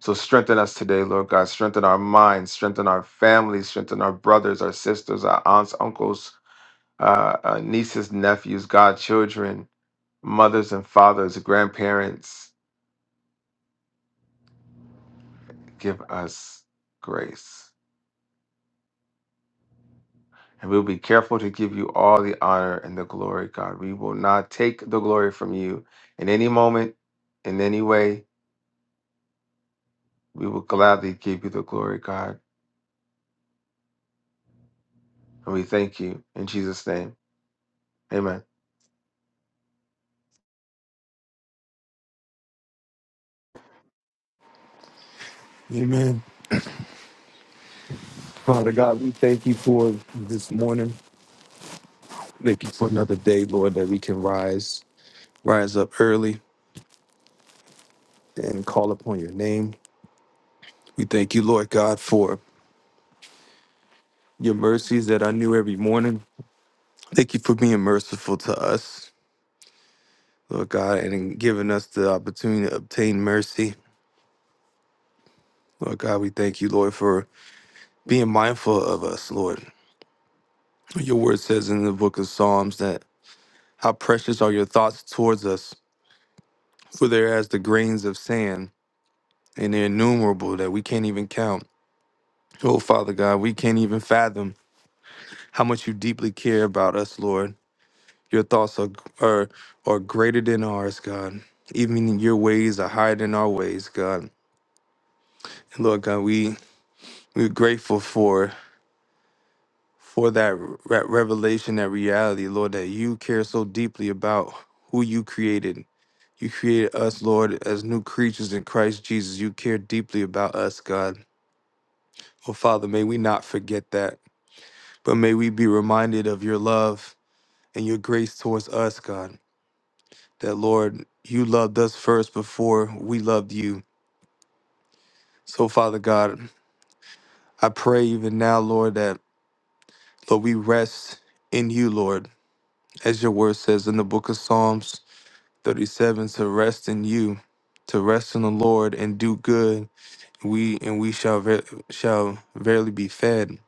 So strengthen us today, Lord God. Strengthen our minds, strengthen our families, strengthen our brothers, our sisters, our aunts, uncles, uh, uh, nieces, nephews, godchildren, mothers and fathers, grandparents, give us grace. And we'll be careful to give you all the honor and the glory, God. We will not take the glory from you in any moment, in any way. We will gladly give you the glory, God. And we thank you in Jesus' name. Amen. Amen. Father God, we thank you for this morning. Thank you for another day, Lord, that we can rise, rise up early and call upon your name. We thank you, Lord God, for your mercies that I knew every morning. Thank you for being merciful to us, Lord God, and in giving us the opportunity to obtain mercy. Lord God, we thank you, Lord, for being mindful of us, Lord. Your word says in the book of Psalms that how precious are your thoughts towards us, for they're as the grains of sand and they're innumerable that we can't even count. Oh, Father God, we can't even fathom how much you deeply care about us, Lord. Your thoughts are, are, are greater than ours, God. Even your ways are higher than our ways, God. And Lord God, we, we're grateful for for that re- revelation, that reality, Lord, that you care so deeply about who you created. You created us, Lord, as new creatures in Christ Jesus. You care deeply about us, God. Oh, Father, may we not forget that. But may we be reminded of your love and your grace towards us, God, that Lord, you loved us first before we loved you. So, Father God, I pray even now, Lord, that, Lord, we rest in you, Lord, as your word says in the book of Psalms 37 to rest in you, to rest in the Lord and do good. We and we shall ver- shall verily be fed.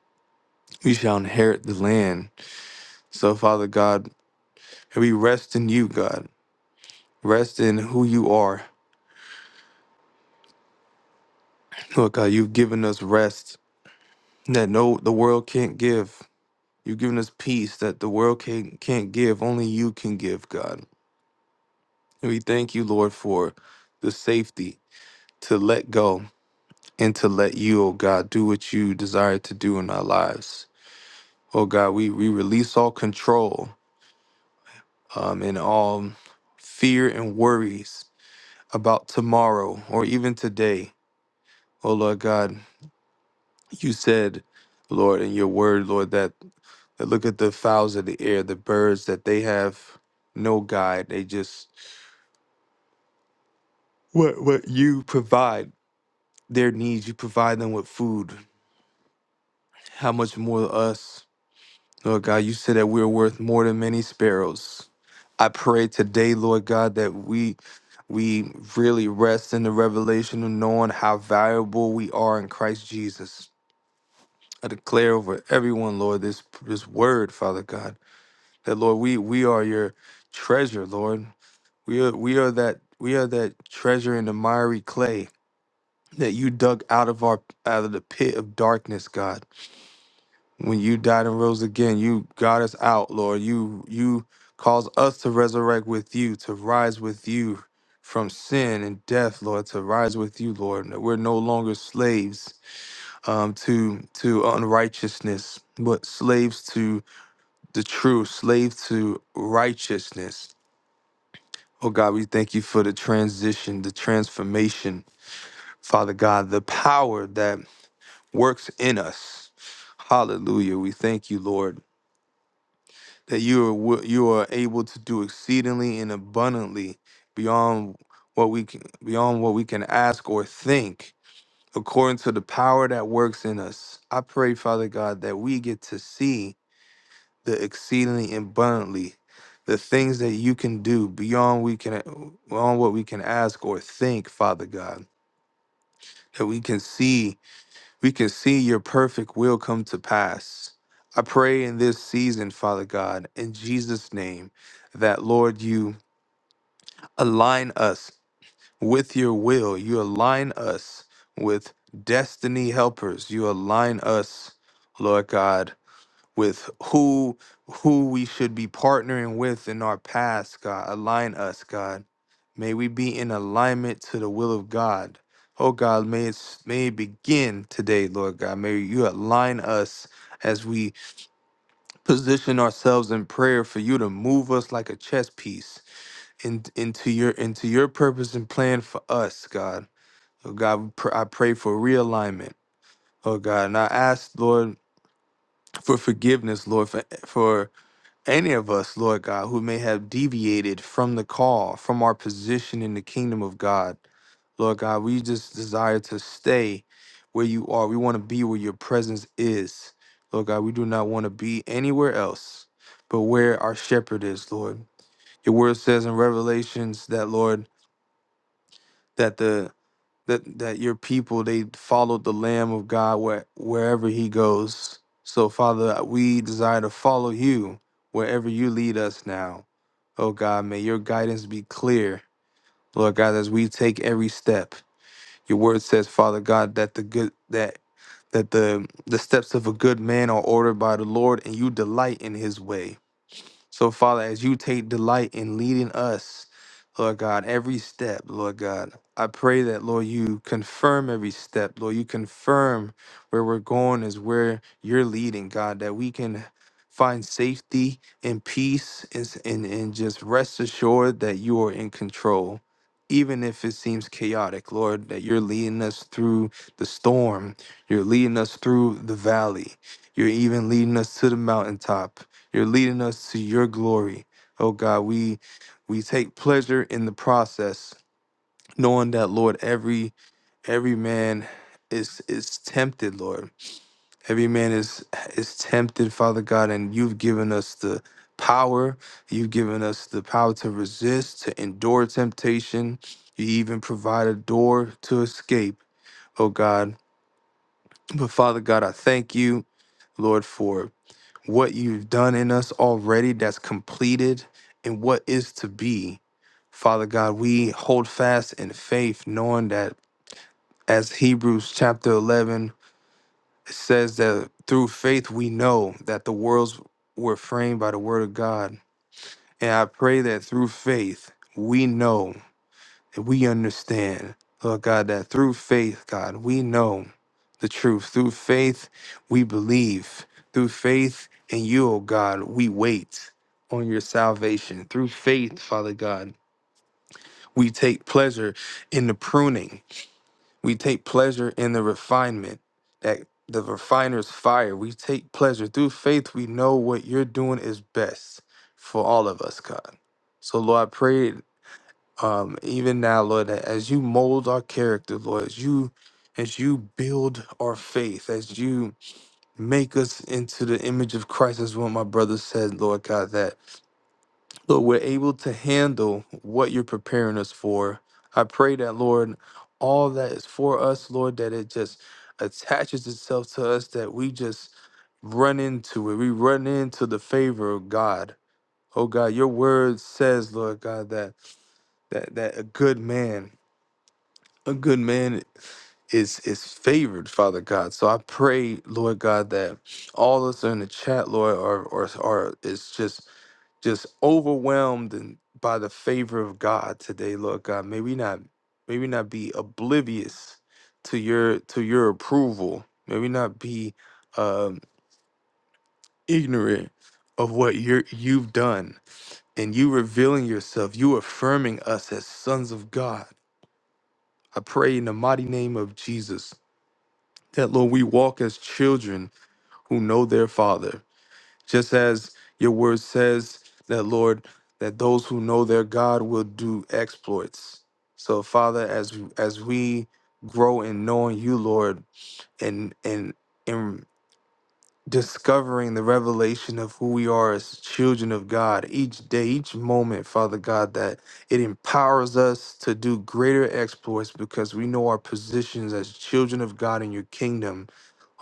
We shall inherit the land. So, Father God, we rest in you, God. Rest in who you are. Lord God, you've given us rest that no the world can't give. You've given us peace that the world can't can't give. Only you can give, God. And we thank you, Lord, for the safety to let go and to let you, oh God, do what you desire to do in our lives. Oh God, we, we release all control um, and all fear and worries about tomorrow or even today. Oh Lord God, you said, Lord, in your word, Lord, that And Look at the fowls of the air, the birds that they have no guide. They just what what you provide their needs. You provide them with food. How much more to us, Lord God? You said that we're worth more than many sparrows. I pray today, Lord God, that we we really rest in the revelation of knowing how valuable we are in Christ Jesus. I declare over everyone, Lord, this this word, Father God, that Lord, we we are your treasure, Lord. We are we are that we are that treasure in the miry clay that you dug out of our out of the pit of darkness, God. When you died and rose again, you got us out, Lord. You you caused us to resurrect with you, to rise with you from sin and death, Lord, to rise with you, Lord. That we're no longer slaves um, to to unrighteousness, but slaves to the truth, slaves to righteousness. Oh God, we thank you for the transition, the transformation, Father God, the power that works in us. Hallelujah. We thank you, Lord, that you are wi- you are able to do exceedingly and abundantly beyond what we can beyond what we can ask or think, according to the power that works in us. I pray, Father God, that we get to see the exceedingly abundantly the things that you can do beyond we can beyond what we can ask or think father god that we can see we can see your perfect will come to pass i pray in this season father god in jesus name that lord you align us with your will you align us with destiny helpers you align us lord god with who who we should be partnering with in our past, God. Align us, God. May we be in alignment to the will of God. Oh God, may it may it begin today, Lord God. May you align us as we position ourselves in prayer for you to move us like a chess piece in, into your into your purpose and plan for us, God. Oh God, we pr- I pray for realignment. Oh God, and I ask, Lord, for forgiveness, Lord, for, for any of us, Lord God, who may have deviated from the call, from our position in the kingdom of God, Lord God, we just desire to stay where you are. We want to be where your presence is. Lord God, we do not want to be anywhere else but where our shepherd is, Lord. Your word says in Revelations that, Lord, that the that that your people they followed the Lamb of God where, wherever He goes. So Father, we desire to follow You wherever You lead us now. Oh God, may Your guidance be clear, Lord God, as we take every step. Your Word says, Father God, that the good that that the the steps of a good man are ordered by the Lord, and You delight in His way. So, Father, as you take delight in leading us, Lord God, every step, Lord God, I pray that, Lord, you confirm every step. Lord, you confirm where we're going is where you're leading, God, that we can find safety and peace and, s- and, and just rest assured that you are in control. Even if it seems chaotic, Lord, that you're leading us through the storm. You're leading us through the valley. You're even leading us to the mountaintop. You're leading us to your glory. Oh God, we we take pleasure in the process, knowing that Lord, every every man is is tempted, Lord. Every man is is tempted, Father God, and you've given us the power. You've given us the power to resist, to endure temptation. You even provide a door to escape, oh God. But Father God, I thank you, Lord, for what you've done in us already that's completed and what is to be. Father God, we hold fast in faith, knowing that as Hebrews chapter 11 says, that through faith we know that the worlds were framed by the word of God. And I pray that through faith, we know that we understand, Lord God, that through faith, God, we know the truth. Through faith, we believe. Through faith in you, O God, we wait on your salvation. Through faith, Father God, we take pleasure in the pruning, we take pleasure in the refinement. That the refiner's fire. We take pleasure. Through faith, we know what you're doing is best for all of us, God. So, Lord, I pray um, even now, Lord, that as you mold our character, Lord, as you as you build our faith, as you make us into the image of Christ, as what my brother said, Lord God, that Lord, we're able to handle what you're preparing us for. I pray that, Lord, all that is for us, Lord, that it just attaches itself to us, that we just run into it. We run into the favor of God. Oh God, your word says, Lord God, that that that a good man a good man is is favored, Father God. So I pray, Lord God, that all of us in the chat, Lord, are are, are is just just overwhelmed and by the favor of God today, Lord God. May we not may we not be oblivious to your to your approval. May we not be um, ignorant of what you you've done and you revealing yourself, you affirming us as sons of God. I pray in the mighty name of Jesus that Lord, we walk as children who know their Father, just as your word says that, Lord, that those who know their God will do exploits. So, Father, as as we grow in knowing you, Lord, and and and discovering the revelation of who we are as children of God each day, each moment, Father God, that it empowers us to do greater exploits because we know our positions as children of God in your kingdom.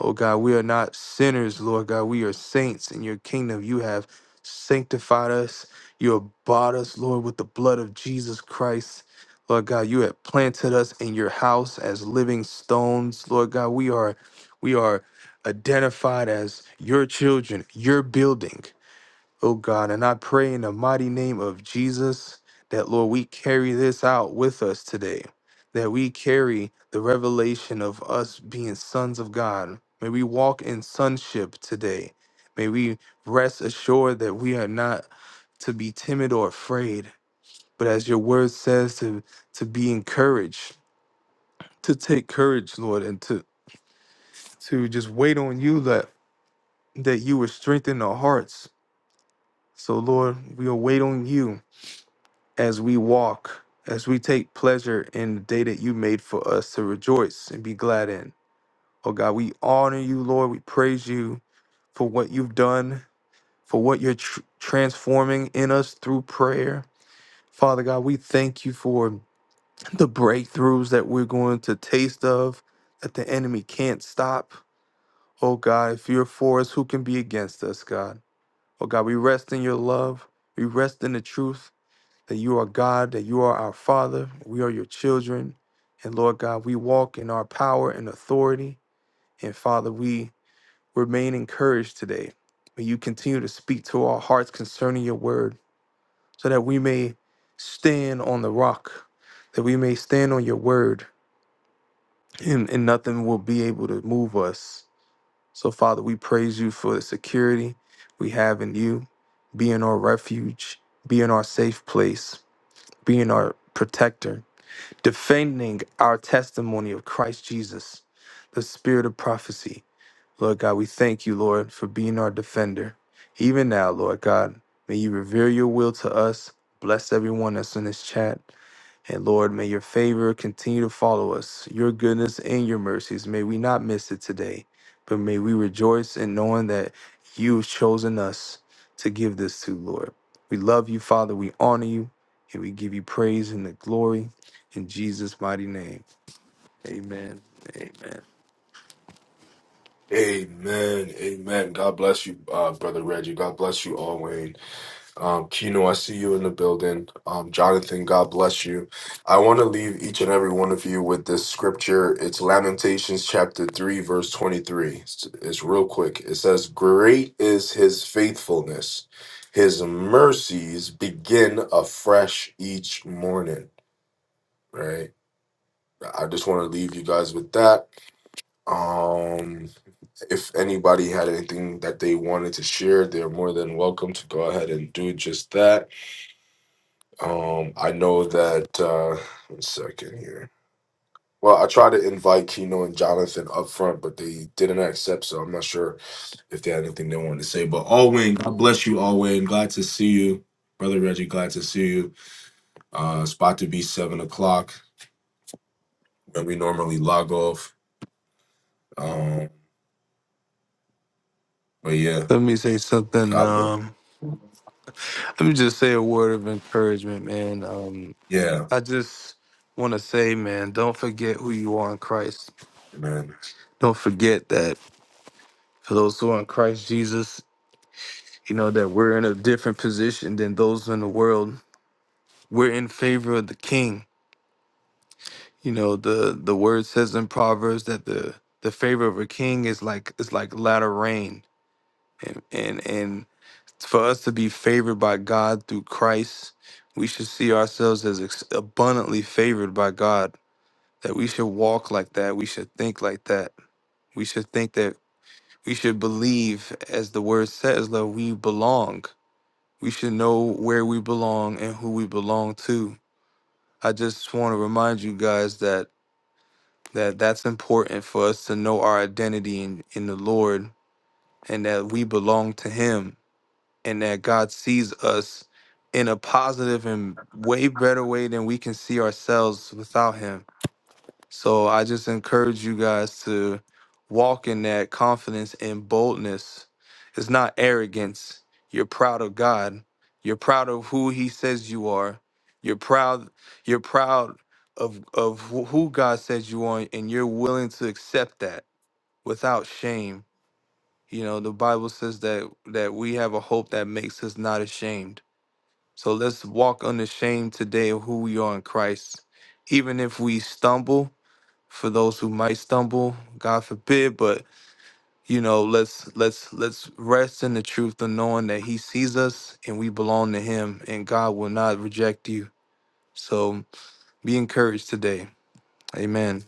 Oh God, we are not sinners, Lord God. We are saints in your kingdom. You have sanctified us. You have bought us, Lord, with the blood of Jesus Christ. Lord God, you have planted us in your house as living stones. Lord God, we are we are identified as your children, your building, oh God. And I pray in the mighty name of Jesus that, Lord, we carry this out with us today, that we carry the revelation of us being sons of God. May we walk in sonship today. May we rest assured that we are not to be timid or afraid, but as your word says, to, to be encouraged, to take courage, Lord, and to, to just wait on you, That. that you would strengthen our hearts. So, Lord, we'll wait on you as we walk, as we take pleasure in the day that you made for us to rejoice and be glad in. Oh, God, we honor you, Lord. We praise you for what you've done, for what you're tr- transforming in us through prayer. Father God, we thank you for the breakthroughs that we're going to taste of that the enemy can't stop. Oh, God, if you're for us, who can be against us, God? Oh God, we rest in your love. We rest in the truth that you are God, that you are our Father, we are your children. And Lord God, we walk in our power and authority. And Father, we remain encouraged today. May you continue to speak to our hearts concerning your word so that we may stand on the rock, that we may stand on your word, and, and nothing will be able to move us. So, Father, we praise you for the security we have in you, being our refuge, being our safe place, being our protector, defending our testimony of Christ Jesus, the spirit of prophecy. Lord God, we thank you, Lord, for being our defender. Even now, Lord God, may you reveal your will to us. Bless everyone that's in this chat. And Lord, may your favor continue to follow us, your goodness and your mercies. May we not miss it today, but may we rejoice in knowing that you've chosen us to give this to, Lord. We love you, Father. We honor you, and we give you praise and the glory in Jesus' mighty name. Amen. Amen. Amen. Amen. God bless you, uh, Brother Reggie. God bless you all, Wayne. Um, Kino, I see you in the building. Um, Jonathan, God bless you. I want to leave each and every one of you with this scripture. It's Lamentations chapter 3, verse 23. It's, it's real quick. It says, Great is his faithfulness, his mercies begin afresh each morning. Right? I just want to leave you guys with that. Um, if anybody had anything that they wanted to share, they're more than welcome to go ahead and do just that. Um, I know that. Uh, one second here. Well, I tried to invite Keno and Jonathan up front, but they didn't accept, so I'm not sure if they had anything they wanted to say. But Alwyn, God bless you, Alwyn. Glad to see you, brother Reggie. Glad to see you. Uh, it's about to be seven o'clock when we normally log off. Um, but yeah, Let me say something. God, bless. Um, let me just say a word of encouragement, man. Um, yeah, I just want to say, man, don't forget who you are in Christ. man. Don't forget that For those who are in Christ Jesus, you know that we're in a different position than those in the world. We're in favor of the king. You know, the the word says in Proverbs that the the favor of a king is like is like latter rain. And and and for us to be favored by God through Christ, we should see ourselves as ex- abundantly favored by God. That we should walk like that. We should think like that. We should think that we should believe as the word says that we belong We should know where we belong and who we belong to. I just want to remind you guys that that that's important for us to know our identity in, in the Lord and that we belong to him and that God sees us in a positive and way better way than we can see ourselves without him so I just encourage you guys to walk in that confidence and boldness. It's not arrogance. You're proud of God. You're proud of who he says you are. You're proud you're proud of of wh- who God says you are and you're willing to accept that without shame. You know, the Bible says that that we have a hope that makes us not ashamed. So let's walk unashamed today of who we are in Christ. Even if we stumble, for those who might stumble, God forbid, but you know, let's let's let's rest in the truth of knowing that he sees us and we belong to him and God will not reject you. So be encouraged today. Amen.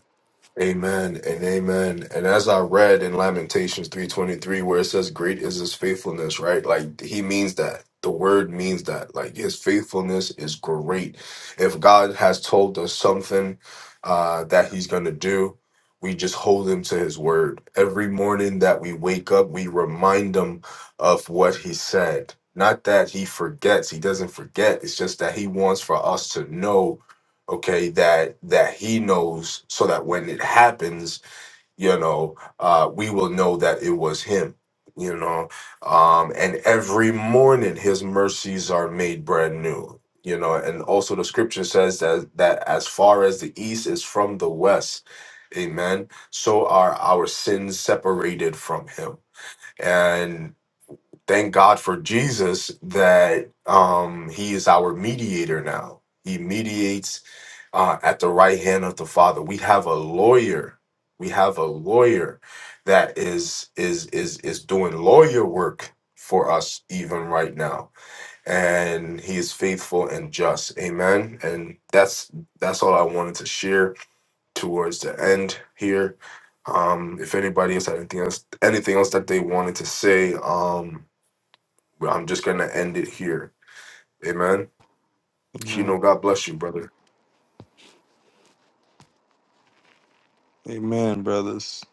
Amen and amen. And as I read in Lamentations 3:23 where it says great is his faithfulness, right? Like he means that. The word means that. Like his faithfulness is great. If God has told us something uh that he's going to do, we just hold him to his word. Every morning that we wake up, we remind him of what he said. Not that he forgets, he doesn't forget. It's just that he wants for us to know okay that that he knows so that when it happens you know uh we will know that it was him you know um and every morning his mercies are made brand new you know and also the scripture says that that as far as the east is from the west amen so are our sins separated from him and thank god for jesus that um he is our mediator now he mediates uh, at the right hand of the Father. We have a lawyer. We have a lawyer that is is is is doing lawyer work for us even right now, and he is faithful and just. Amen. And that's that's all I wanted to share towards the end here. Um, if anybody else had anything else, anything else that they wanted to say, um, I'm just gonna end it here. Amen. Kino, Amen. God bless you, brother. Amen, brothers.